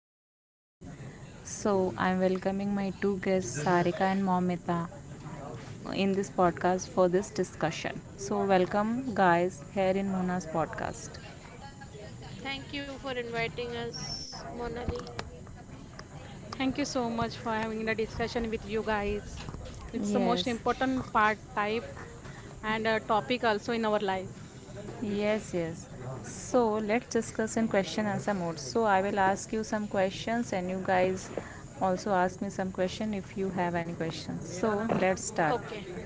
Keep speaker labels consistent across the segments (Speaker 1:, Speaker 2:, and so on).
Speaker 1: married life. So I'm welcoming my two guests, Sarika and Momita, in this podcast for this discussion. So welcome guys here in Mona's podcast.
Speaker 2: Thank you for inviting us, Monali.
Speaker 3: Thank you so much for having the discussion with you guys. It's the most
Speaker 1: Yes.
Speaker 3: important part type and a topic also in our life.
Speaker 1: Yes, yes. So let's discuss in question answer mode. So I will ask you some questions and you guys also ask me some question if you have any questions. So let's start.
Speaker 2: Okay,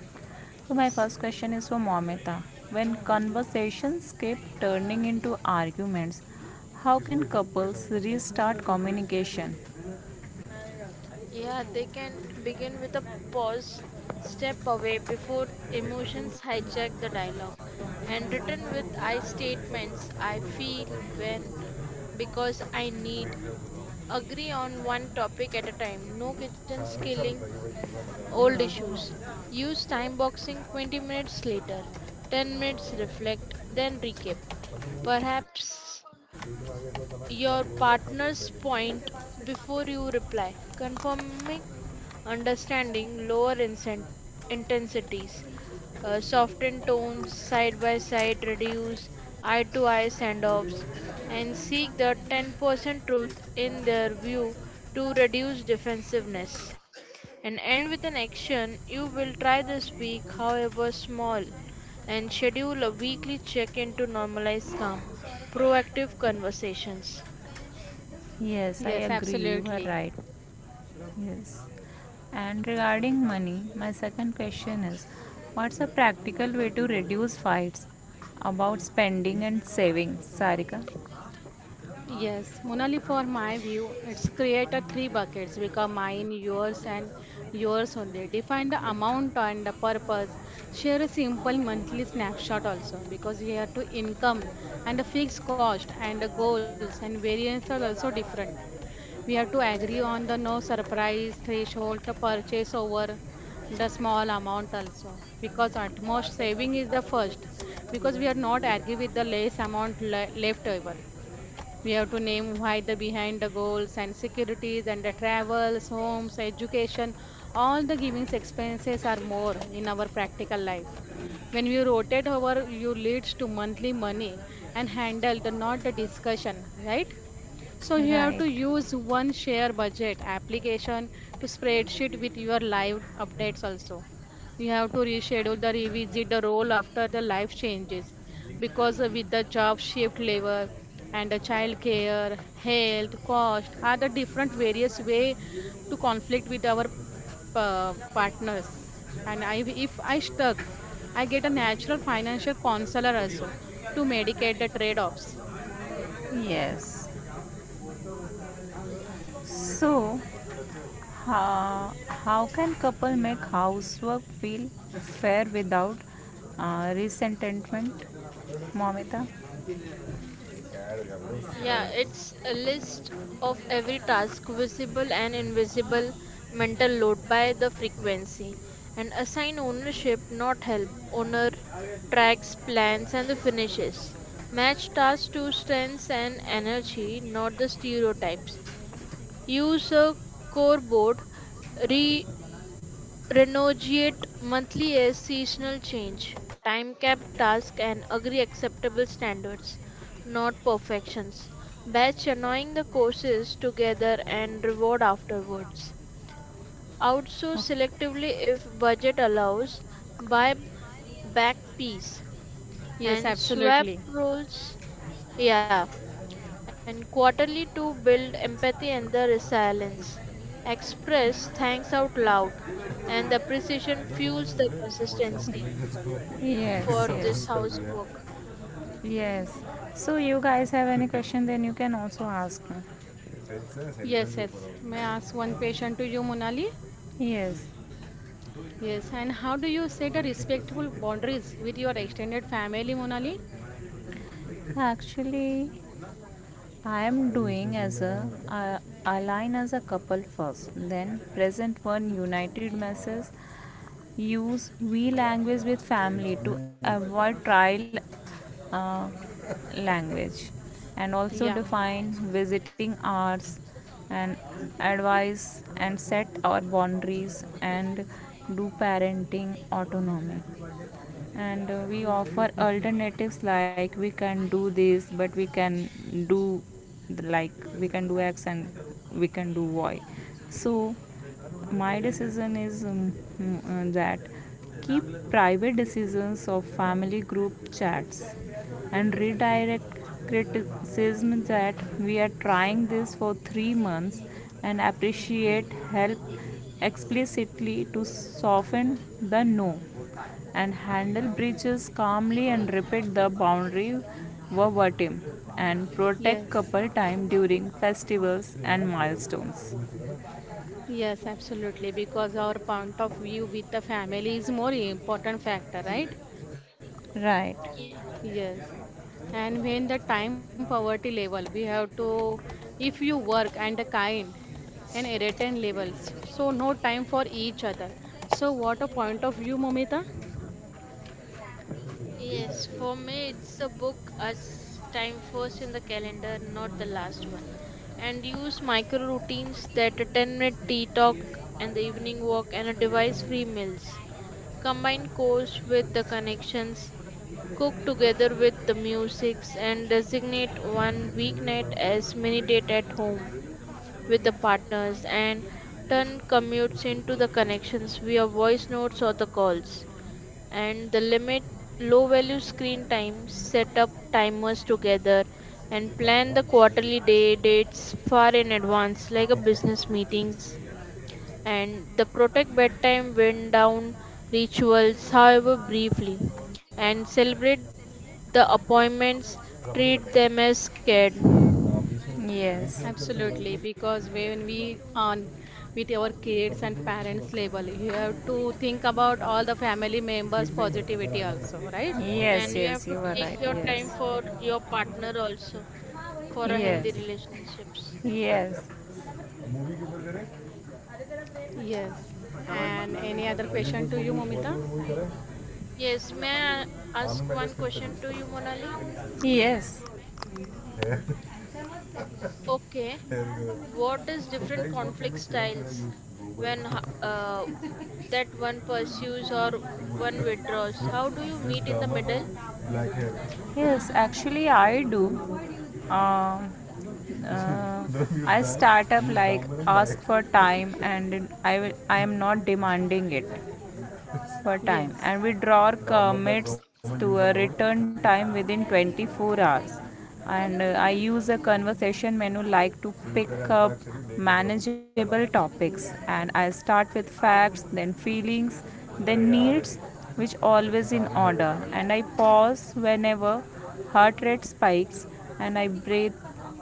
Speaker 1: So my first
Speaker 2: yes.
Speaker 1: question is for Momita. When conversations keep turning into arguments, how can couples restart communication?
Speaker 2: Yeah, they can begin with a pause, step away before emotions hijack the dialogue, and written with I statements I feel when because I need. Agree on one topic at a time. No kitchen skilling, old issues. Use time boxing 20 minutes later. 10 minutes reflect, then recap. Perhaps your partner's point before you reply. Confirming understanding, lower intensities, soften tones, side by side reduce, eye to eye send offs, and seek the 10% truth in their view to reduce defensiveness. And end with an action you will try this week, however small, and schedule a weekly check in to normalize calm, proactive conversations.
Speaker 1: Yes, I
Speaker 3: Yes,
Speaker 1: agree. You are
Speaker 3: absolutely.
Speaker 1: right. Yes. And regarding money, my second question is, what's a practical way to reduce fights about spending and saving, Sarika?
Speaker 3: Yes, Monali, for my view, it's create a three buckets because mine, yours, and yours only. Define the amount and the purpose. Share a simple monthly snapshot also because here to income and the fixed cost and the goals and variance are also different. We have to agree on the no surprise threshold to purchase over the small amount also because utmost saving is the first because we are not agree with the less amount left over. We have to name why the behind the goals and securities and the travels, homes, education, all the givings expenses are more in our practical life. When you rotate over, you leads to monthly money and handle the not the discussion, right? So you have to
Speaker 1: Right.
Speaker 3: use one share budget application to spreadsheet with your live updates also. You have to reschedule the revisit the role after the life changes because with the job shift labor and the child care, health, cost are the different various way to conflict with our partners. If I stuck, I get a natural financial counselor also to medicate the trade-offs.
Speaker 1: Yes. So how can couple make housework feel fair without resentment, Momita? Yes,
Speaker 2: Yeah, it's a list of every task, visible and invisible mental load by the frequency, and assign ownership, not help. Owner tracks, plans, and the finishes. Match tasks to strengths and energy, not the stereotypes. Use a core board, renegotiate monthly as seasonal change. Time cap task and agree acceptable standards, not perfections. Batch annoying the courses together and reward afterwards. Outsource selectively if budget allows. Buy back piece
Speaker 3: Yes,
Speaker 2: and swap
Speaker 3: absolutely.
Speaker 2: roles. Yeah, and quarterly to build empathy and the resilience. Express thanks out loud, and the precision fuels the consistency for this
Speaker 1: yes.
Speaker 2: housework.
Speaker 1: Yes. So you guys have any question, then you can also ask me.
Speaker 3: Yes, yes. May I ask one question to you, Monali?
Speaker 1: Yes.
Speaker 3: Yes, and how do you set a respectful boundaries with your extended family, Monali?
Speaker 1: Actually, I am doing as a align as a couple first, then present one united masses, use we language with family to avoid trial uh, language, and also
Speaker 3: Yeah.
Speaker 1: define visiting hours and advise and set our boundaries and do parenting autonomy, and we offer alternatives like we can do this, but we can do like we can do x and we can do y. So my decision is that keep private decisions of family group chats and redirect criticism that we are trying this for 3 months, and appreciate help explicitly to soften the no, and handle breaches calmly and repeat the boundary verbatim and protect
Speaker 3: Yes.
Speaker 1: couple time during festivals and milestones.
Speaker 3: Yes, absolutely. Because our point of view with the family is more important factor, right?
Speaker 1: Right.
Speaker 2: Ye-
Speaker 3: Yes. And when the time poverty level, we have to, if you work and the kind and irritant levels, so no time for each other. So what a point of view, Momita?
Speaker 2: Yes, for me, it's a book as time first in the calendar, not the last one. And use micro routines that a 10-minute tea talk and the evening walk and a device free meals. Combine course with the connections. Cook together with the musics and designate one weeknight as mini date at home with the partners and turn commutes into the connections via voice notes or the calls. And the limit low value screen time, set up timers together and plan the quarterly day dates far in advance like a business meetings and the protect bedtime went down rituals, however briefly, and celebrate the appointments,
Speaker 1: रबर ही कर लेगा
Speaker 2: treat them as scared.
Speaker 1: बीस minute Yes. बीस minute करके उड़ान
Speaker 3: Absolutely, because
Speaker 1: को
Speaker 3: when we on with our
Speaker 1: topic
Speaker 3: kids and
Speaker 1: बोलो किसी बात
Speaker 3: parents label, you have
Speaker 1: करना
Speaker 3: to think about all the family
Speaker 1: script
Speaker 3: members'
Speaker 1: नहीं मेरे मेरा
Speaker 3: positivity
Speaker 1: रैंडम
Speaker 3: also, right?
Speaker 1: है. Yes,
Speaker 2: And you
Speaker 1: yes,
Speaker 2: have to
Speaker 1: you are
Speaker 2: take
Speaker 1: right.
Speaker 2: your
Speaker 1: Yes,
Speaker 2: time for your partner also for a healthy
Speaker 1: yes,
Speaker 2: relationships.
Speaker 1: yes. Movie के ऊपर करें
Speaker 3: Yes. And any other question
Speaker 1: Hollywood
Speaker 3: to you,
Speaker 1: Bollywood
Speaker 3: Momita?
Speaker 1: Bollywood movie करें
Speaker 2: Yes, may I ask
Speaker 1: Aamir भाई का
Speaker 2: one
Speaker 1: script है
Speaker 2: question
Speaker 1: इस
Speaker 2: to you,
Speaker 1: तरह.
Speaker 2: Monali?
Speaker 1: Yes. Hair,
Speaker 2: Okay,
Speaker 1: hair
Speaker 2: what is
Speaker 1: growth. So
Speaker 2: different
Speaker 1: guys, what kind
Speaker 2: conflict
Speaker 1: of serums should I
Speaker 2: styles
Speaker 1: use?
Speaker 2: when
Speaker 1: Gober.
Speaker 2: that one pursues or one withdraws? How do you
Speaker 1: This
Speaker 2: meet in the
Speaker 1: Dharma for
Speaker 2: middle?
Speaker 1: black hair. Yes, actually, I do. Uh, uh, I start up like ask for time, and I will, I am not demanding it per time,
Speaker 3: Yes.
Speaker 1: and we withdrawer commits to a return time within 24 hours, and I use a conversation menu like to pick up manageable topics, and I start with facts, then feelings, then needs, which always in order, and I pause whenever heart rate spikes, and I breathe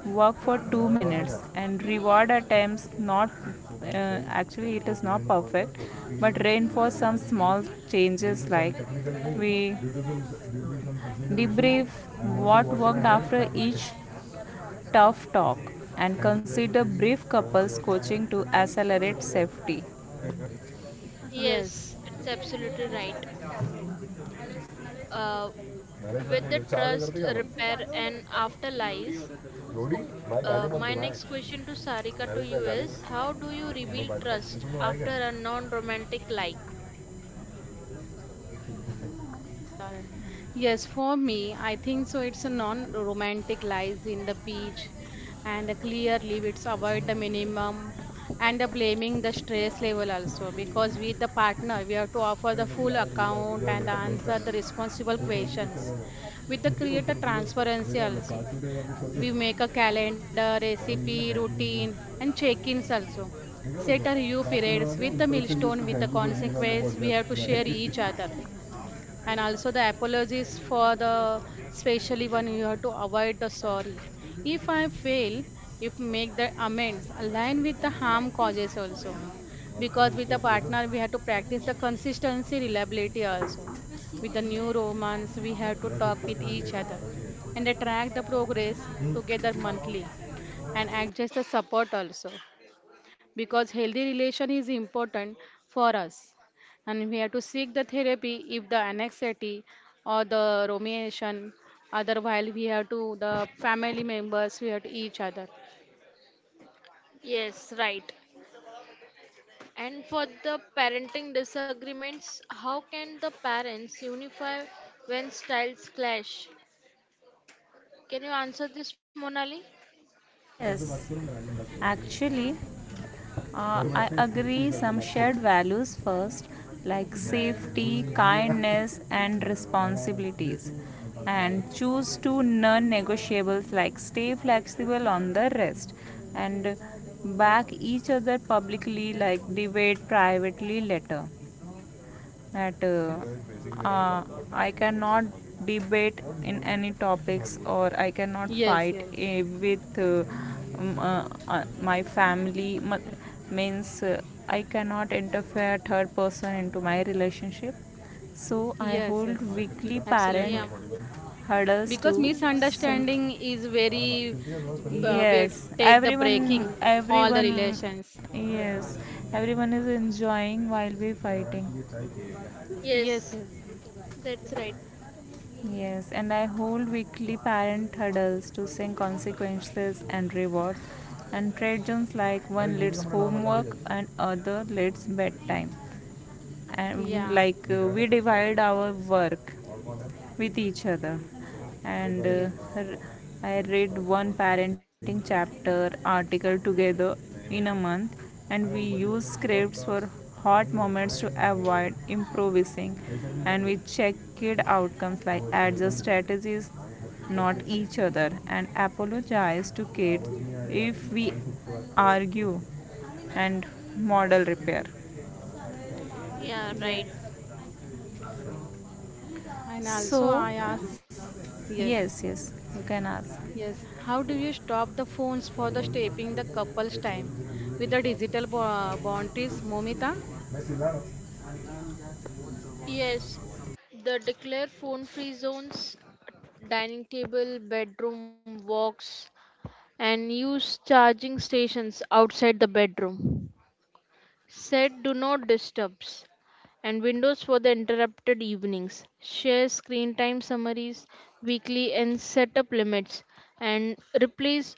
Speaker 1: work for 2 minutes and reward attempts not uh, actually it is not perfect, but reinforce some small changes like we debrief what worked after each tough talk, and consider brief couples coaching to accelerate safety.
Speaker 3: Yes.
Speaker 2: Yes, it's absolutely right. Uh, with the
Speaker 1: management चार काय करते
Speaker 2: trust,
Speaker 1: का आपण
Speaker 2: repair, and afterlife,
Speaker 1: Lodi भाई गाली मत दो
Speaker 2: my
Speaker 1: भाई
Speaker 2: next question to Sarika to
Speaker 1: Naresh भाई
Speaker 2: you
Speaker 1: गाली
Speaker 2: is, how do you
Speaker 1: मत नो भाई
Speaker 2: rebuild
Speaker 1: पक्षी तुम
Speaker 2: trust
Speaker 1: लोग आएगा
Speaker 2: after a non romantic lie?
Speaker 3: Yeah. Yes, for me, I think so. It's a non-romantic lies in the beach, and the clear leave. It's avoid the minimum, and the blaming the stress level also because with the partner we have to
Speaker 1: अरे
Speaker 3: offer the full
Speaker 1: जल्दी आओ
Speaker 3: account
Speaker 1: मैं
Speaker 3: and the
Speaker 1: बैठक नहीं कर
Speaker 3: answer the
Speaker 1: रहा
Speaker 3: responsible
Speaker 1: वो जल्दी कैसे
Speaker 3: questions.
Speaker 1: रहा
Speaker 3: With the
Speaker 1: मुझे बोल
Speaker 3: create a
Speaker 1: रहा तू
Speaker 3: transparency
Speaker 1: मेरा लो
Speaker 3: also,
Speaker 1: पाँच मिनट का भी
Speaker 3: we make a
Speaker 1: छोड़
Speaker 3: calendar,
Speaker 1: और
Speaker 3: recipe,
Speaker 1: नहीं ना कैंटीन
Speaker 3: routine,
Speaker 1: में
Speaker 3: and
Speaker 1: मैं
Speaker 3: check-ins also. Set
Speaker 1: क्या
Speaker 3: a
Speaker 1: बोल रहा
Speaker 3: review
Speaker 1: हूँ लास्ट में
Speaker 3: periods
Speaker 1: बता
Speaker 3: with
Speaker 1: दें
Speaker 3: the
Speaker 1: introduction
Speaker 3: milestone
Speaker 1: list
Speaker 3: with the
Speaker 1: thank you for being on the
Speaker 3: consequence we have to
Speaker 1: podcast
Speaker 3: share each other
Speaker 1: bye
Speaker 3: and also the apologies for the specially one you have to avoid the sorry if I fail if make the amends align with the harm causes also
Speaker 1: और तुम
Speaker 3: because with
Speaker 1: ऊपर
Speaker 3: the
Speaker 1: से ले लो
Speaker 3: partner we have to practice the consistency reliability also with the new romance we have to
Speaker 1: मैं कुछ
Speaker 3: talk with
Speaker 1: personal let
Speaker 3: each
Speaker 1: आ
Speaker 3: other
Speaker 1: रहा
Speaker 3: and
Speaker 1: हूँ.
Speaker 3: they track the progress together monthly and adjust the support also because healthy relation is important for us and we have to seek the therapy if the anxiety or the rumination. Otherwise, we have to the family members we have to each other.
Speaker 2: Yes, right. And for the parenting disagreements, how can the parents unify when styles clash? Can you answer this, Monali?
Speaker 1: Yes, actually, I agree some shared values first, like safety, kindness, and responsibilities, and choose two non negotiables, like stay flexible on the rest, and back each other publicly, like debate privately later. That uh, I cannot debate in any topics, or I cannot
Speaker 3: Yes,
Speaker 1: fight
Speaker 3: yes.
Speaker 1: with my family means I cannot interfere third person into my relationship, so I
Speaker 3: Yes,
Speaker 1: hold
Speaker 3: yes,
Speaker 1: weekly parent
Speaker 3: absolutely,
Speaker 2: Yeah,
Speaker 1: hurdles to
Speaker 3: because
Speaker 1: say.
Speaker 3: misunderstanding is very we
Speaker 1: Yes,
Speaker 3: take the
Speaker 1: everyone,
Speaker 3: breaking all the
Speaker 1: everyone,
Speaker 3: relations.
Speaker 1: yes, everyone is enjoying while we fighting.
Speaker 3: Yes,
Speaker 2: yes,
Speaker 3: yes.
Speaker 2: that's right.
Speaker 1: Yes, and I hold weekly parent hurdles to sync consequences and reward, and trade zones like one leads homework and other leads bedtime. And
Speaker 3: Yeah.
Speaker 1: like we divide our work with each other, and
Speaker 3: Yes,
Speaker 1: r- I read one parenting chapter article together in a month, and we use scripts for hot moments to avoid improvising, and we check kid outcomes like adjust strategies, not each other, and apologize to kids if we argue, and model repair.
Speaker 2: Yeah,
Speaker 3: yes,
Speaker 2: right.
Speaker 3: and also
Speaker 1: So,
Speaker 3: I ask. Yes.
Speaker 1: yes, yes, you can ask.
Speaker 3: Yes, how do you stop the phones for the shaping the couple's time with the digital boundaries, Momita?
Speaker 1: Messi.
Speaker 2: Yes, the declare phone free zones, dining table, bedroom walks, and use charging stations outside the bedroom. Set do not disturbs and windows for the interrupted evenings. Share screen time summaries weekly and set up limits and replace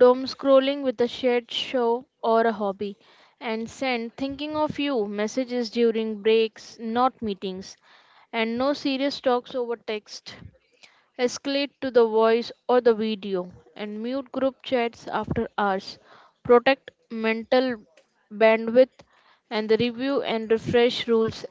Speaker 2: doom scrolling with a shared show or a hobby, and send thinking of you messages during breaks, not meetings, and no serious talks over text. Escalate to the voice or the video, and mute group chats after hours. Protect mental bandwidth, and the review and refresh rules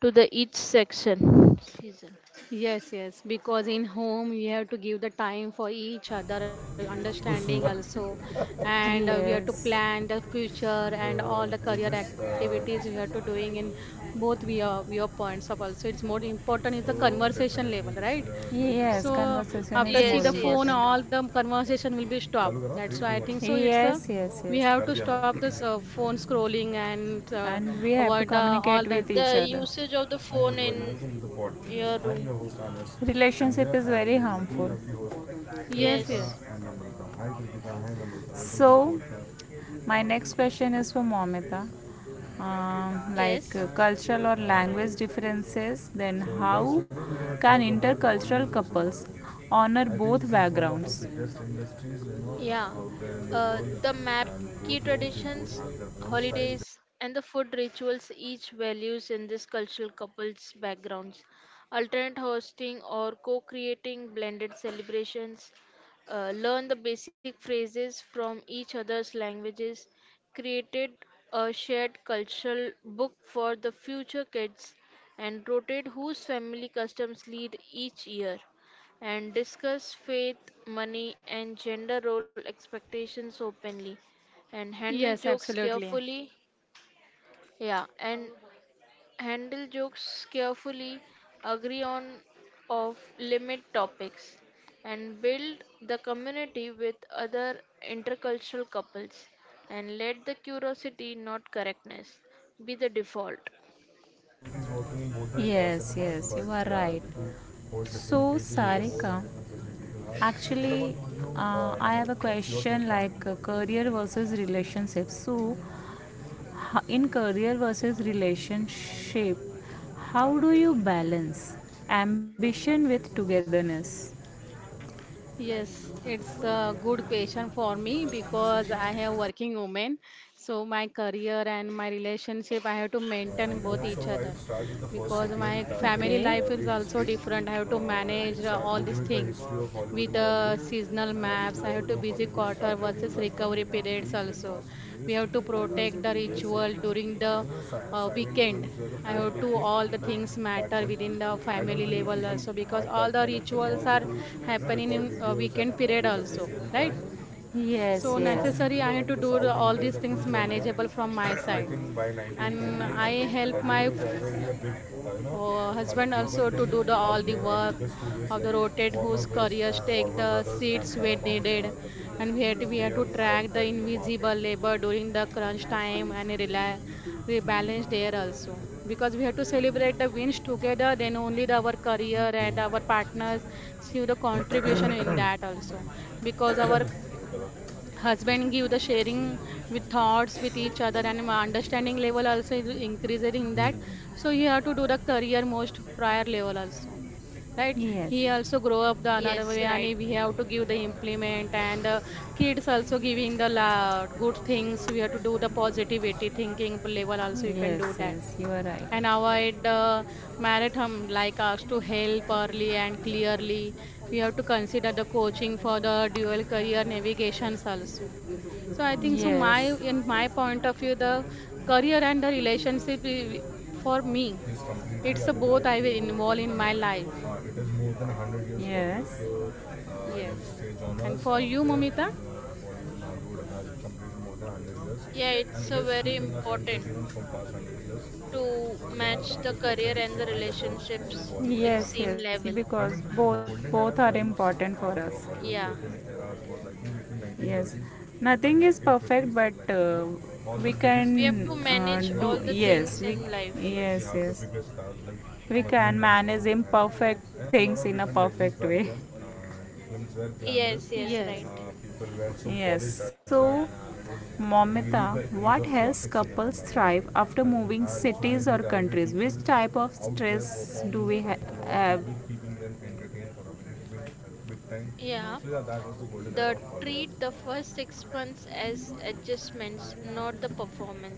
Speaker 2: to the each section. Season.
Speaker 3: Yes, yes, because in home you have to give the time for each other, understanding also, and we have to
Speaker 1: Yes.
Speaker 3: plan the future
Speaker 1: Uh,
Speaker 3: and all the career
Speaker 1: this,
Speaker 3: activities we have to
Speaker 1: uh,
Speaker 3: doing in both via points of also. It's more important is the
Speaker 1: oh,
Speaker 3: conversation
Speaker 1: definitely
Speaker 3: level,
Speaker 1: this.
Speaker 3: right?
Speaker 1: Yes,
Speaker 3: So
Speaker 1: conversation is
Speaker 3: after
Speaker 1: more
Speaker 3: see
Speaker 2: Yes,
Speaker 3: the
Speaker 2: yes.
Speaker 3: phone,
Speaker 1: important.
Speaker 3: all the conversation will be stopped. That's why I think so. It's a
Speaker 1: Yes, yes,
Speaker 3: we
Speaker 1: yes.
Speaker 3: have to stop this phone scrolling and
Speaker 1: And we have to
Speaker 3: avoid the all
Speaker 1: communicate
Speaker 3: the.
Speaker 1: with each
Speaker 2: The
Speaker 1: other.
Speaker 2: usage of the
Speaker 1: Hi
Speaker 2: phone
Speaker 1: everybody,
Speaker 2: in
Speaker 1: welcome to the podcast.
Speaker 2: your
Speaker 1: I'm your
Speaker 2: room.
Speaker 1: host Anas. Relationship is very harmful. Lovely
Speaker 3: Yes,
Speaker 1: Kritika
Speaker 2: Yes.
Speaker 3: yes,
Speaker 1: and Amrita. So my next question is for Momita. Like
Speaker 2: Yes.
Speaker 1: cultural or language differences, then how can intercultural couples honor both backgrounds?
Speaker 2: Yeah,
Speaker 1: uh,
Speaker 2: the map, key traditions, holidays, and the food rituals each values in this cultural couple's backgrounds. Alternate hosting or co creating blended celebrations. Learn the basic phrases from each other's languages. Created a shared cultural book for the future kids and rotate whose family customs lead each year and discuss faith, money, and gender role expectations openly and
Speaker 3: yes,
Speaker 2: handle jokes
Speaker 3: absolutely.
Speaker 2: carefully. Yeah, and handle jokes carefully, agree on of limit topics and build the community with other intercultural couples and let the curiosity not correctness be the default.
Speaker 1: Yes, yes, you are right. So, different
Speaker 2: Yes.
Speaker 1: people, Sarika, actually, I have a question like career versus relationships. So in career versus relationship, how do you balance ambition with togetherness?
Speaker 3: Yes, it's a good question for me because I have working woman. So my career and my relationship, I have to maintain both
Speaker 1: So
Speaker 3: each
Speaker 1: I'll
Speaker 3: other
Speaker 1: start with the first
Speaker 3: because
Speaker 1: segment,
Speaker 3: my
Speaker 1: that is,
Speaker 3: family
Speaker 1: okay, is
Speaker 3: life
Speaker 1: early
Speaker 3: is also
Speaker 1: history.
Speaker 3: different. I have to
Speaker 1: It
Speaker 3: manage
Speaker 1: start
Speaker 3: all
Speaker 1: begin
Speaker 3: these
Speaker 1: with the
Speaker 3: things
Speaker 1: history of Hollywood
Speaker 3: with
Speaker 1: and Bollywood.
Speaker 3: the seasonal
Speaker 1: As we
Speaker 3: maps. I
Speaker 1: all
Speaker 3: have to
Speaker 1: know,
Speaker 3: busy
Speaker 1: Hollywood
Speaker 3: quarter
Speaker 1: started in
Speaker 3: versus
Speaker 1: the early
Speaker 3: recovery periods
Speaker 1: 90s in
Speaker 3: also.
Speaker 1: Los Angeles,
Speaker 3: We have to
Speaker 1: that's
Speaker 3: protect the
Speaker 1: in USA.
Speaker 3: ritual during the
Speaker 1: Know si- silent
Speaker 3: weekend.
Speaker 1: films were the
Speaker 3: I
Speaker 1: first
Speaker 3: have
Speaker 1: big
Speaker 3: to
Speaker 1: thing,
Speaker 3: all the
Speaker 1: because
Speaker 3: things
Speaker 1: back
Speaker 3: matter
Speaker 1: then
Speaker 3: within the
Speaker 1: I don't
Speaker 3: family
Speaker 1: think
Speaker 3: level
Speaker 1: people
Speaker 3: also because
Speaker 1: had that
Speaker 3: all the
Speaker 1: kind of
Speaker 3: rituals
Speaker 1: technology
Speaker 3: are
Speaker 1: to, you know,
Speaker 3: happening
Speaker 1: record
Speaker 3: in
Speaker 1: videos and
Speaker 3: weekend period
Speaker 1: audios at the
Speaker 3: also,
Speaker 1: same
Speaker 3: right?
Speaker 1: time. Yes,
Speaker 3: So
Speaker 1: so yes. Sound,
Speaker 3: necessary
Speaker 1: you
Speaker 3: I
Speaker 1: know,
Speaker 3: have
Speaker 1: when
Speaker 3: to
Speaker 1: the
Speaker 3: do
Speaker 1: sound
Speaker 3: all
Speaker 1: entered
Speaker 3: these
Speaker 1: the
Speaker 3: things
Speaker 1: film genre,
Speaker 3: manageable from my
Speaker 1: I
Speaker 3: side
Speaker 1: think by
Speaker 3: and
Speaker 1: 1920s,
Speaker 3: I help my
Speaker 1: Hollywood was already a big, you know,
Speaker 3: Oh,
Speaker 1: a
Speaker 3: husband
Speaker 1: global
Speaker 3: also to
Speaker 1: thing
Speaker 3: do the
Speaker 1: out
Speaker 3: all the
Speaker 1: there, and
Speaker 3: work
Speaker 1: bigger studios
Speaker 3: of the
Speaker 1: like
Speaker 3: rotate
Speaker 1: Warner
Speaker 3: whose
Speaker 1: Bros,
Speaker 3: couriers take
Speaker 1: Warner
Speaker 3: the
Speaker 1: Brothers,
Speaker 3: seats
Speaker 1: and
Speaker 3: when
Speaker 1: Paramount
Speaker 3: needed
Speaker 1: are the
Speaker 3: and we had to,
Speaker 1: biggest
Speaker 3: we had
Speaker 1: player
Speaker 3: to
Speaker 1: out
Speaker 3: track the
Speaker 1: there in the market.
Speaker 3: invisible labor during the crunch time and rely rebalance there also because we have to celebrate the wins together then only the, our career and our
Speaker 1: Hmm.
Speaker 3: partners see the contribution in that also because our husband give the sharing with thoughts with each other and my understanding level also is increasing in that
Speaker 1: Hmm.
Speaker 3: so you have to do the career most prior level also, right?
Speaker 1: Yes,
Speaker 3: He also grow up the another way
Speaker 2: Yes,
Speaker 3: and
Speaker 2: right.
Speaker 3: we have to give the implement and the kids also giving the good things we have to do the positivity thinking level also you can
Speaker 1: yes,
Speaker 3: do that
Speaker 1: yes, you are right.
Speaker 3: and avoid marathon like us to help early and clearly. We have to consider the coaching for the dual career navigations also. So I think so my
Speaker 1: Yes,
Speaker 3: in my point of view the career and the relationship for me
Speaker 1: is completely
Speaker 3: it's a
Speaker 1: agree
Speaker 3: both I
Speaker 1: with
Speaker 3: will
Speaker 1: people
Speaker 3: involve in my life.
Speaker 1: that it is more than 100 years Yes. old. So I would
Speaker 3: Yes.
Speaker 1: say
Speaker 3: And
Speaker 1: genres
Speaker 3: for you,
Speaker 1: out there,
Speaker 3: Momita?
Speaker 1: Bollywood, Nollywood has completed more than 100
Speaker 2: Yeah,
Speaker 1: years,
Speaker 2: it's
Speaker 1: and it
Speaker 2: so
Speaker 1: is
Speaker 2: very
Speaker 1: keeping us
Speaker 2: important
Speaker 1: entertained from past 100 years.
Speaker 2: to
Speaker 1: So yeah,
Speaker 2: match
Speaker 1: that
Speaker 2: the
Speaker 1: is what the
Speaker 2: career and the
Speaker 1: history is
Speaker 2: relationships
Speaker 1: about.
Speaker 2: in
Speaker 1: Yes,
Speaker 2: same
Speaker 1: yes,
Speaker 2: level.
Speaker 1: because both are important for us. Golden
Speaker 2: Yeah,
Speaker 1: eras was like, yes, nothing is perfect, but we can
Speaker 2: we have to manage
Speaker 1: do.
Speaker 2: all the
Speaker 1: Yes,
Speaker 2: things
Speaker 1: we,
Speaker 2: in life.
Speaker 1: yes, yes, we can manage imperfect things in a perfect way.
Speaker 2: Yes, yes, right.
Speaker 3: Yes.
Speaker 1: Yes. So Momita, what helps couples thrive after moving cities or countries? Which type of stress do we have? So
Speaker 2: Yeah,
Speaker 1: yeah,
Speaker 2: the treat the first 6 months as adjustments not the performance,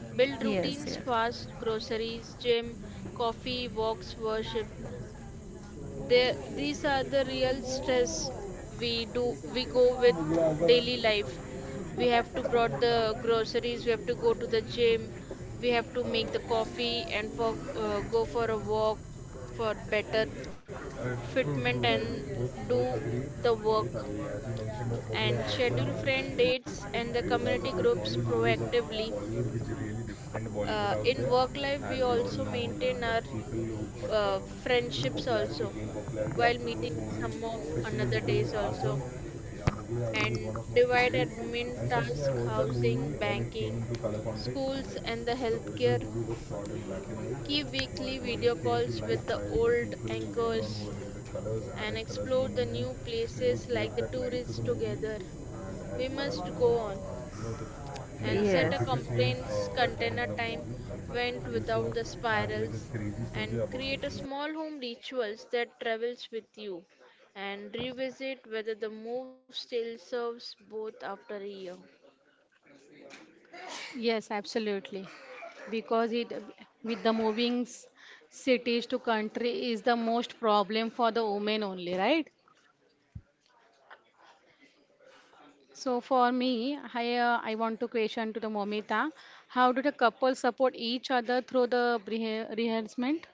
Speaker 2: build routines
Speaker 1: yes, yes.
Speaker 2: fast groceries gym coffee walks worship. There, these are the real stress we go with daily life. We have to brought the groceries. We have to go to the gym. We have to make the coffee and for go for a walk for better
Speaker 1: true true
Speaker 2: fitment and
Speaker 1: both
Speaker 2: do
Speaker 1: agree,
Speaker 2: the
Speaker 1: both
Speaker 2: work
Speaker 1: agree, as you mentioned that Mughal
Speaker 2: and
Speaker 1: Azam
Speaker 2: schedule
Speaker 1: and
Speaker 2: friend dates and
Speaker 1: Shiri,
Speaker 2: the
Speaker 1: those are the
Speaker 2: community
Speaker 1: iconic
Speaker 2: groups
Speaker 1: movies of
Speaker 2: proactively.
Speaker 1: Bollywood which really defined Bollywood out there.
Speaker 2: In work life,
Speaker 1: As
Speaker 2: we
Speaker 1: we all
Speaker 2: also
Speaker 1: know, like
Speaker 2: maintain
Speaker 1: the
Speaker 2: our
Speaker 1: people who, but you know,
Speaker 2: friendships
Speaker 1: popularity
Speaker 2: also
Speaker 1: gained popularity
Speaker 2: while
Speaker 1: after
Speaker 2: meeting
Speaker 1: those movies,
Speaker 2: some of
Speaker 1: especially
Speaker 2: another
Speaker 1: Mughal
Speaker 2: days
Speaker 1: Azam.
Speaker 2: also,
Speaker 1: Yeah, I think is
Speaker 2: and
Speaker 1: one of my
Speaker 2: divide
Speaker 1: favorites,
Speaker 2: admin
Speaker 1: and especially I
Speaker 2: task
Speaker 1: watched that movie
Speaker 2: housing
Speaker 1: when it came
Speaker 2: banking
Speaker 1: into color context.
Speaker 2: schools
Speaker 1: Like
Speaker 2: and the
Speaker 1: the original
Speaker 2: healthcare,
Speaker 1: movie was shot in black and white,
Speaker 2: keep
Speaker 1: but
Speaker 2: weekly
Speaker 1: when
Speaker 2: video
Speaker 1: it came to
Speaker 2: calls
Speaker 1: life
Speaker 2: with the
Speaker 1: by the
Speaker 2: old
Speaker 1: people later on
Speaker 2: anchors
Speaker 1: who
Speaker 2: and
Speaker 1: added colors in
Speaker 2: explore
Speaker 1: the
Speaker 2: the
Speaker 1: movie,
Speaker 2: new
Speaker 1: it really
Speaker 2: places
Speaker 1: gave
Speaker 2: like the
Speaker 1: that life to
Speaker 2: tourists
Speaker 1: the movie.
Speaker 2: together.
Speaker 1: And as
Speaker 2: We
Speaker 1: you
Speaker 2: must
Speaker 1: all know,
Speaker 2: go on
Speaker 1: you know the,
Speaker 2: and set a
Speaker 1: Yes, the biggest names
Speaker 2: complaints
Speaker 1: were there in
Speaker 2: container
Speaker 1: the
Speaker 2: time
Speaker 1: movie. The
Speaker 2: went
Speaker 1: producer
Speaker 2: without the
Speaker 1: has like a
Speaker 2: spirals
Speaker 1: crazy
Speaker 2: and
Speaker 1: story about
Speaker 2: create a
Speaker 1: making.
Speaker 2: small home rituals that travels with you and revisit whether the move still serves both after a year.
Speaker 3: Yes, absolutely. Because it with the moving cities to country is the most problem for the women only, right? So for me, I want to question to the Momita, how do the couple support each other through the rehearsement?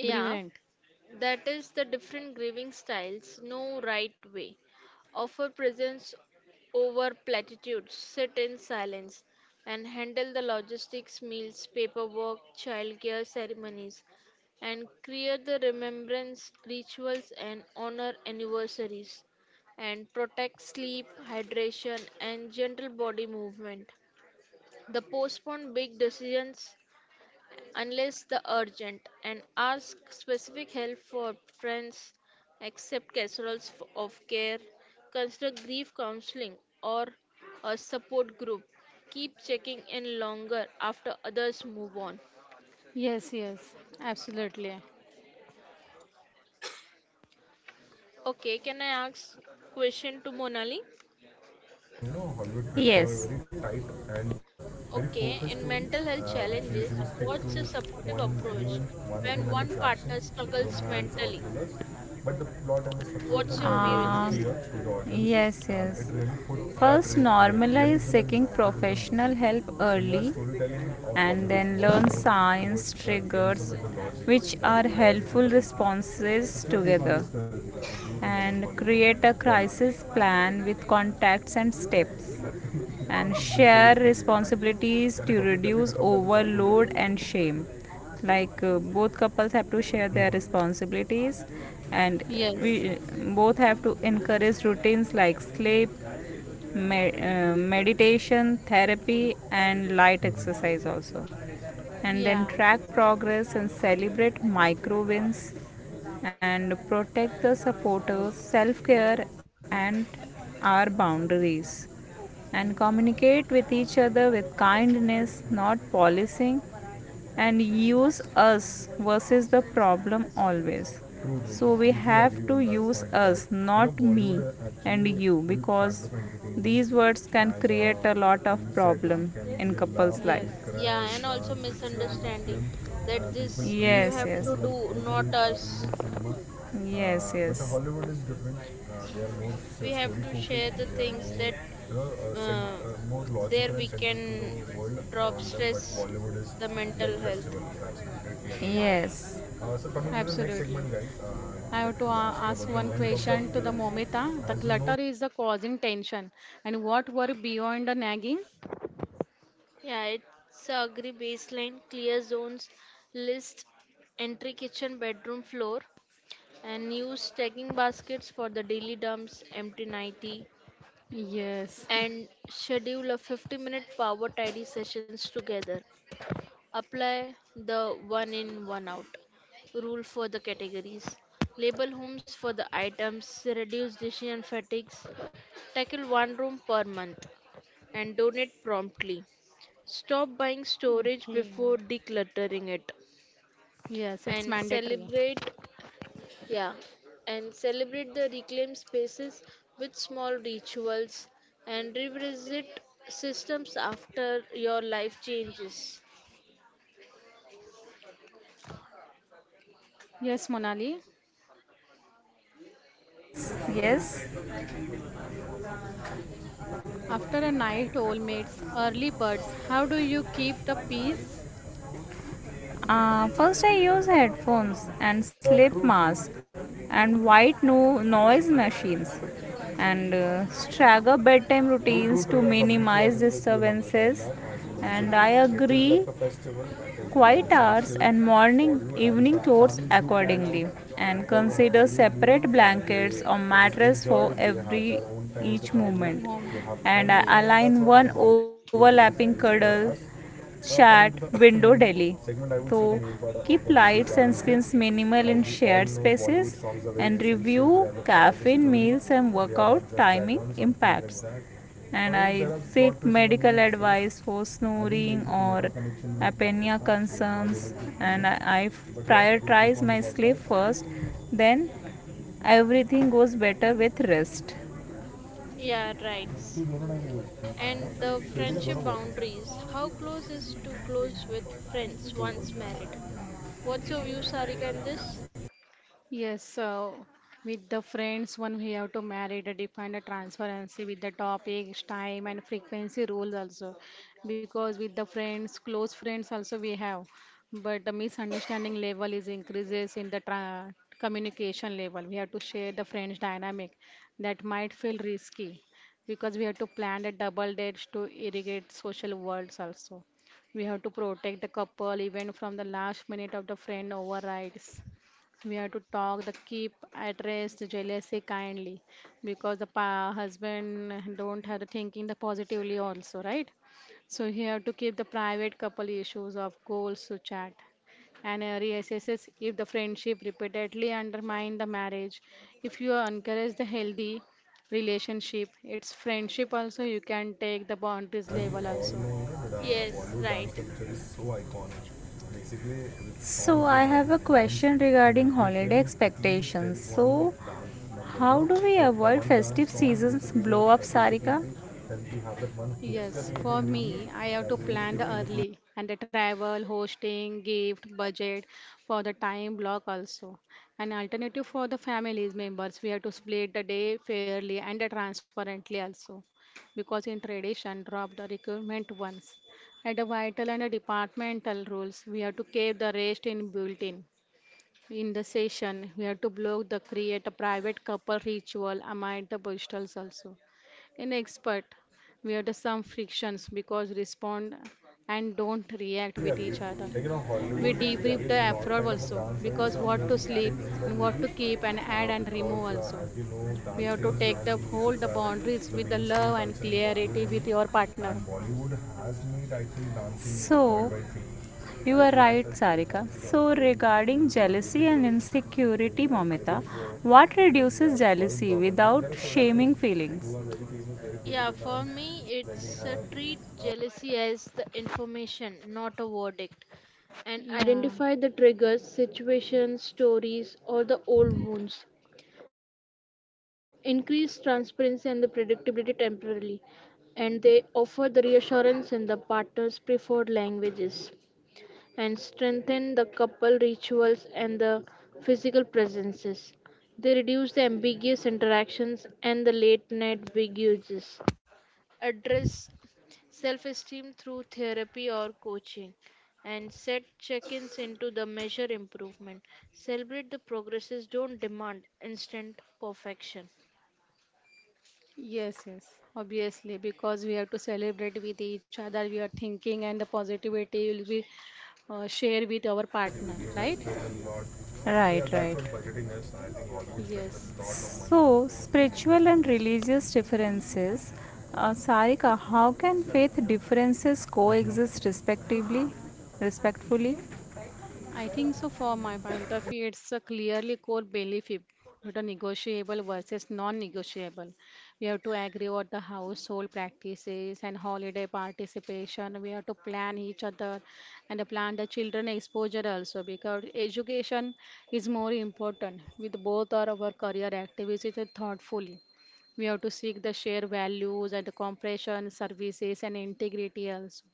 Speaker 2: Yeah, that is the different grieving styles, no right way. Offer presence over platitudes, sit in silence, and handle the logistics, meals, paperwork, childcare ceremonies, and create the remembrance rituals and honor anniversaries, and protect sleep, hydration, and gentle body movement. The postpone big decisions unless the urgent, and ask specific help for friends, accept casseroles of care, consider grief counseling or a support group. Keep checking in longer after others move on.
Speaker 3: Yes, yes, absolutely.
Speaker 2: Okay, can I ask question to Monali?
Speaker 1: No, Hollywood Yes. very tight and very focused
Speaker 2: Okay, in
Speaker 1: stories,
Speaker 2: mental health
Speaker 1: which usually
Speaker 2: challenges,
Speaker 1: stick to
Speaker 2: what's a supportive approach
Speaker 1: one theme and
Speaker 2: when
Speaker 1: its
Speaker 2: one
Speaker 1: action,
Speaker 2: partner struggles
Speaker 1: romance or
Speaker 2: mentally?
Speaker 1: thrillers. But the plot and the structure of the
Speaker 2: What's your view in
Speaker 1: movie
Speaker 2: this?
Speaker 1: was clear to the audience, yes, and yes. It really put first, really normalize seeking professional help early, and then learn signs, triggers, which are helpful responses together, and create a crisis plan with contacts and steps, and share responsibilities to reduce overload and shame, like both couples have to share their responsibilities, and
Speaker 3: Yes,
Speaker 1: we both have to encourage routines like sleep, meditation therapy, and light exercise also, and then
Speaker 3: yeah,
Speaker 1: track progress and celebrate micro wins, and protect the supporters, self care, and our boundaries. And communicate with each other with kindness, not policing, and use us versus the problem always. So we have to use us, not me and you, because these words can create a lot of problem in couples
Speaker 3: yes,
Speaker 1: life.
Speaker 2: Yeah, and also misunderstanding
Speaker 1: Muslim
Speaker 2: that
Speaker 1: people.
Speaker 2: this you
Speaker 1: Yes,
Speaker 2: have to
Speaker 1: yes, like
Speaker 2: do
Speaker 1: Aussie
Speaker 2: not us.
Speaker 1: Indian cinema. Yes, but yes, Hollywood is different. They are more
Speaker 2: We have to
Speaker 1: story
Speaker 2: share
Speaker 1: focused.
Speaker 2: the
Speaker 1: They are
Speaker 2: things that
Speaker 1: more, you know,
Speaker 2: uh,
Speaker 1: more
Speaker 2: there we
Speaker 1: logical and
Speaker 2: can
Speaker 1: central to the world
Speaker 2: drop
Speaker 1: around them.
Speaker 2: stress,
Speaker 1: But Bollywood
Speaker 2: the
Speaker 1: is
Speaker 2: mental
Speaker 1: like
Speaker 2: health.
Speaker 1: festival. I completely agree. Yes, so coming to the next
Speaker 3: absolutely.
Speaker 1: segment, guys, I
Speaker 3: I have
Speaker 1: would
Speaker 3: to
Speaker 1: like to ask
Speaker 3: ask
Speaker 1: you about
Speaker 3: one
Speaker 1: the length of
Speaker 3: question
Speaker 1: the
Speaker 3: to the
Speaker 1: films.
Speaker 3: Momita. The
Speaker 1: As you
Speaker 3: clutter
Speaker 1: know,
Speaker 3: is the causing tension, and what were beyond the nagging?
Speaker 2: Yeah, it's a agree baseline clear zones list entry kitchen bedroom floor and use tagging baskets for the daily dumps empty nighty
Speaker 3: Yes.
Speaker 2: and schedule a 50-minute power tidy sessions together. Apply the one in one out rule for the categories. Label homes for the items, reduce decision fatigues, tackle one room per month, and donate promptly. Stop buying storage
Speaker 3: Okay.
Speaker 2: before decluttering it.
Speaker 3: Yes, it's
Speaker 2: And
Speaker 3: mandatory.
Speaker 2: celebrate, yeah, and celebrate the reclaimed spaces with small rituals and revisit systems after your life changes.
Speaker 3: Yes, Monali.
Speaker 1: yes, yes.
Speaker 3: After a night, old maids, early birds. How do you keep the peace,
Speaker 1: First, I use headphones and sleep mask and white noise machines, and stagger bedtime routines to minimize disturbances. And I agree, quiet hours and morning evening chores accordingly, and consider separate blankets or mattress for every each movement,
Speaker 3: Momali?
Speaker 1: and I
Speaker 3: Yes.
Speaker 1: align one overlapping cuddle. Chat window Delhi. So keep lights and screens minimal in shared spaces, and review caffeine meals and workout timing impacts. And I seek medical advice for snoring or apnea concerns, and I prioritize my sleep first, then everything goes better with rest.
Speaker 2: Yeah, right. And the friendship boundaries. How close is too close with friends once married? What's your view, Sarika, in this?
Speaker 3: Yes, so with the friends, one we have to marry to define the transparency with the topics, time, and frequency rules also. Because with the friends, close friends also we have, but the misunderstanding level is increases in the communication level. We have to share the friends dynamic that might feel risky because we have to plan the double dates to irrigate social worlds also. We have to protect the couple even from the last minute of the friend overrides we have to talk the keep at rest jealousy kindly because the husband don't have the thinking the positively also, right? So he have to keep the private couple issues of goals to chat and reassesses if the friendship repeatedly undermine the marriage. If you encourage the healthy relationship, it's friendship also you can take the boundaries
Speaker 1: As we
Speaker 3: level
Speaker 1: all
Speaker 3: also.
Speaker 1: know, you know, the
Speaker 2: Yes,
Speaker 1: Bollywood dance
Speaker 2: right.
Speaker 1: culture is so iconic. Basically, with so, songs I like have a question regarding and different holiday themes expectations. One so, how do we with avoid one dance festive song is seasons sufficient blow to up, establish Sarika? Everything. Then you have that one hook step
Speaker 3: Yes,
Speaker 1: in
Speaker 3: for
Speaker 1: the movie
Speaker 3: me, I have
Speaker 1: that
Speaker 3: to
Speaker 1: really
Speaker 3: plan
Speaker 1: sticks
Speaker 3: the
Speaker 1: to the
Speaker 3: early and the travel, hosting, gift, budget for the time block also. An alternative for the families members, we have to split the day fairly and the transparently also, because in tradition, drop the requirement once. At the vital and the departmental rules, we have to keep the rest in built in. In the session, we have to block the create a private couple ritual among the postals also. In expert, we have the some frictions because respond and don't react
Speaker 1: completely
Speaker 3: with
Speaker 1: agree.
Speaker 3: each other.
Speaker 1: Like you know,
Speaker 3: We
Speaker 1: Hollywood
Speaker 3: debrief the
Speaker 1: is not
Speaker 3: effort
Speaker 1: kind of a
Speaker 3: also
Speaker 1: dance and
Speaker 3: because
Speaker 1: some
Speaker 3: what to
Speaker 1: music
Speaker 3: sleep
Speaker 1: things in the
Speaker 3: and what to
Speaker 1: movies,
Speaker 3: keep and add and remove
Speaker 1: because
Speaker 3: also.
Speaker 1: as you know,
Speaker 3: We have to
Speaker 1: dancing
Speaker 3: take
Speaker 1: and
Speaker 3: the hold the
Speaker 1: music
Speaker 3: boundaries
Speaker 1: are the
Speaker 3: with the love
Speaker 1: mainstream
Speaker 3: and
Speaker 1: culture in Bollywood
Speaker 3: clarity with
Speaker 1: only,
Speaker 3: your
Speaker 1: and
Speaker 3: partner.
Speaker 1: Bollywood has made, I think, dancing. So worldwide famous. You are right, Sarika. So, regarding jealousy and insecurity, Momita, what reduces jealousy without shaming? Who feelings are very famous, very good with
Speaker 2: Yeah,
Speaker 1: the
Speaker 2: for
Speaker 1: dance.
Speaker 2: me,
Speaker 1: Then we
Speaker 2: it's treat
Speaker 1: have,
Speaker 2: jealousy as the information, not a verdict, and
Speaker 3: Yeah.
Speaker 2: identify the triggers, situations, stories, or the old wounds. Increase transparency and the predictability temporarily, and they offer the reassurance in the partner's preferred languages, and strengthen the couple rituals and the physical presences. They reduce the ambiguous interactions and the late night big uses. Address self esteem through therapy or coaching and set check ins into the measure improvement. Celebrate the progresses, don't demand instant perfection.
Speaker 3: It yes, yes. Obviously, because we have to celebrate with each other, we are thinking, and the positivity will be share with our partner, right?
Speaker 1: yeah, right, that's right. What
Speaker 3: Yes.
Speaker 1: so, spiritual and religious differences. Sarika, how can faith differences coexist respectively, respectfully?
Speaker 3: I think so. For my point of view, it's a clearly core belief if what a negotiable versus non-negotiable. We have to agree what the household practices and holiday participation. We have to plan each other and plan the children exposure also because education is more important with both our career activities thoughtfully. We have to seek the shared values and the compression services and integrity also.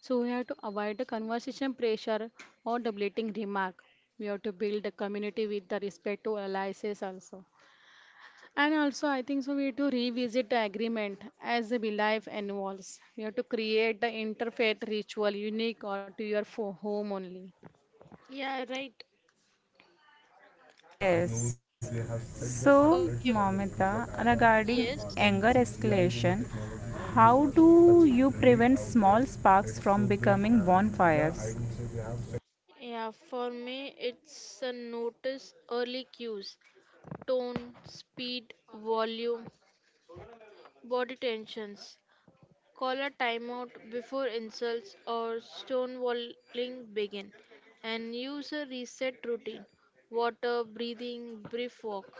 Speaker 3: So we have to avoid the conversation pressure or debating remark. We have to build a community with the respect to allies also. And also I think so we have to revisit the agreement as the life evolves. We have to create the interfaith ritual unique or to your home only.
Speaker 2: Yeah, right.
Speaker 1: Yes. So
Speaker 2: Okay,
Speaker 1: Momita, regarding
Speaker 2: yes.
Speaker 1: anger escalation, how do you prevent small sparks from becoming bonfires?
Speaker 2: Yeah, for me, it's a notice early cues. Tone, speed, volume, body tensions. Call a timeout before insults or stonewalling begin. And use a reset routine. Water, breathing, brief walk.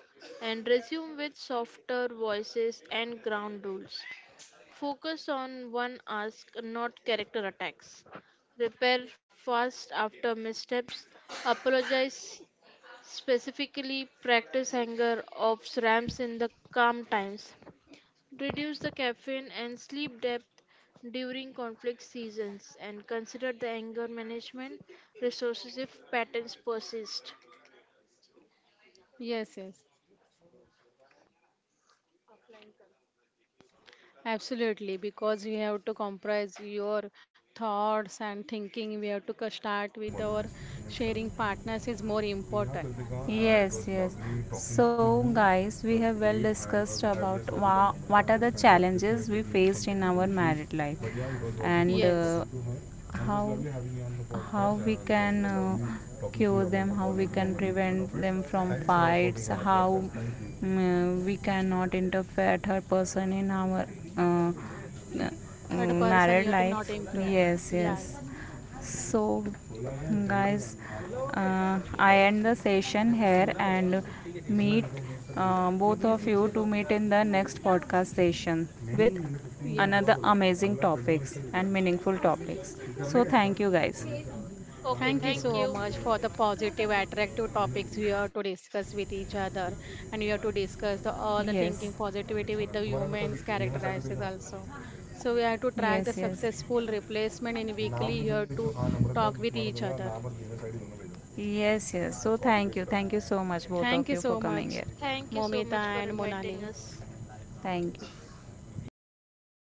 Speaker 2: And resume with softer voices and ground rules. Focus on one ask, not character attacks. Repair fast after missteps. Apologize specifically, practice anger of ramps in the calm times. Reduce the caffeine and sleep depth during conflict seasons and consider the anger management resources if patterns persist.
Speaker 3: Yes, yes. Absolutely, because we have to comprise your thoughts and thinking. We have to start with our sharing partners is more important.
Speaker 1: Yes, yes. So guys, we have well discussed about what are the challenges we faced in our married life, and
Speaker 3: Yes.
Speaker 1: how how we can cure them, how we can prevent them from fights, how we cannot interfere third person in our uh,
Speaker 3: Third person,
Speaker 1: married
Speaker 3: you have to
Speaker 1: life.
Speaker 3: not improve.
Speaker 1: Yes, yes.
Speaker 3: Yes.
Speaker 1: So guys, I end the session here and meet both of you to meet in the next podcast session with
Speaker 3: Yes.
Speaker 1: another amazing topics and meaningful topics. So thank you guys.
Speaker 2: Okay,
Speaker 3: Thank you
Speaker 2: thank
Speaker 3: so
Speaker 2: you.
Speaker 3: much for the positive, attractive topics we are to discuss with each other. And we have to discuss the, all the
Speaker 1: Yes,
Speaker 3: thinking positivity with the humans characteristics also. So we have to track the
Speaker 1: yes, yes.
Speaker 3: successful replacement in weekly.
Speaker 1: नाम
Speaker 3: You
Speaker 1: भी
Speaker 3: have
Speaker 1: भेजो
Speaker 3: to
Speaker 1: हाँ नम्रता
Speaker 3: talk with
Speaker 1: तुम्हारा
Speaker 3: each
Speaker 1: दूंगा
Speaker 3: other.
Speaker 1: नाम और Gmail I D दोनों भेजो yes yes so thank you so much both
Speaker 3: Thank
Speaker 1: of
Speaker 3: you
Speaker 1: you for
Speaker 3: so
Speaker 1: coming
Speaker 3: much,
Speaker 1: here
Speaker 2: Thank you so
Speaker 3: Momita
Speaker 2: much for
Speaker 3: and
Speaker 2: inviting
Speaker 3: Monali.
Speaker 2: us.
Speaker 1: Thank you.
Speaker 3: Thank you.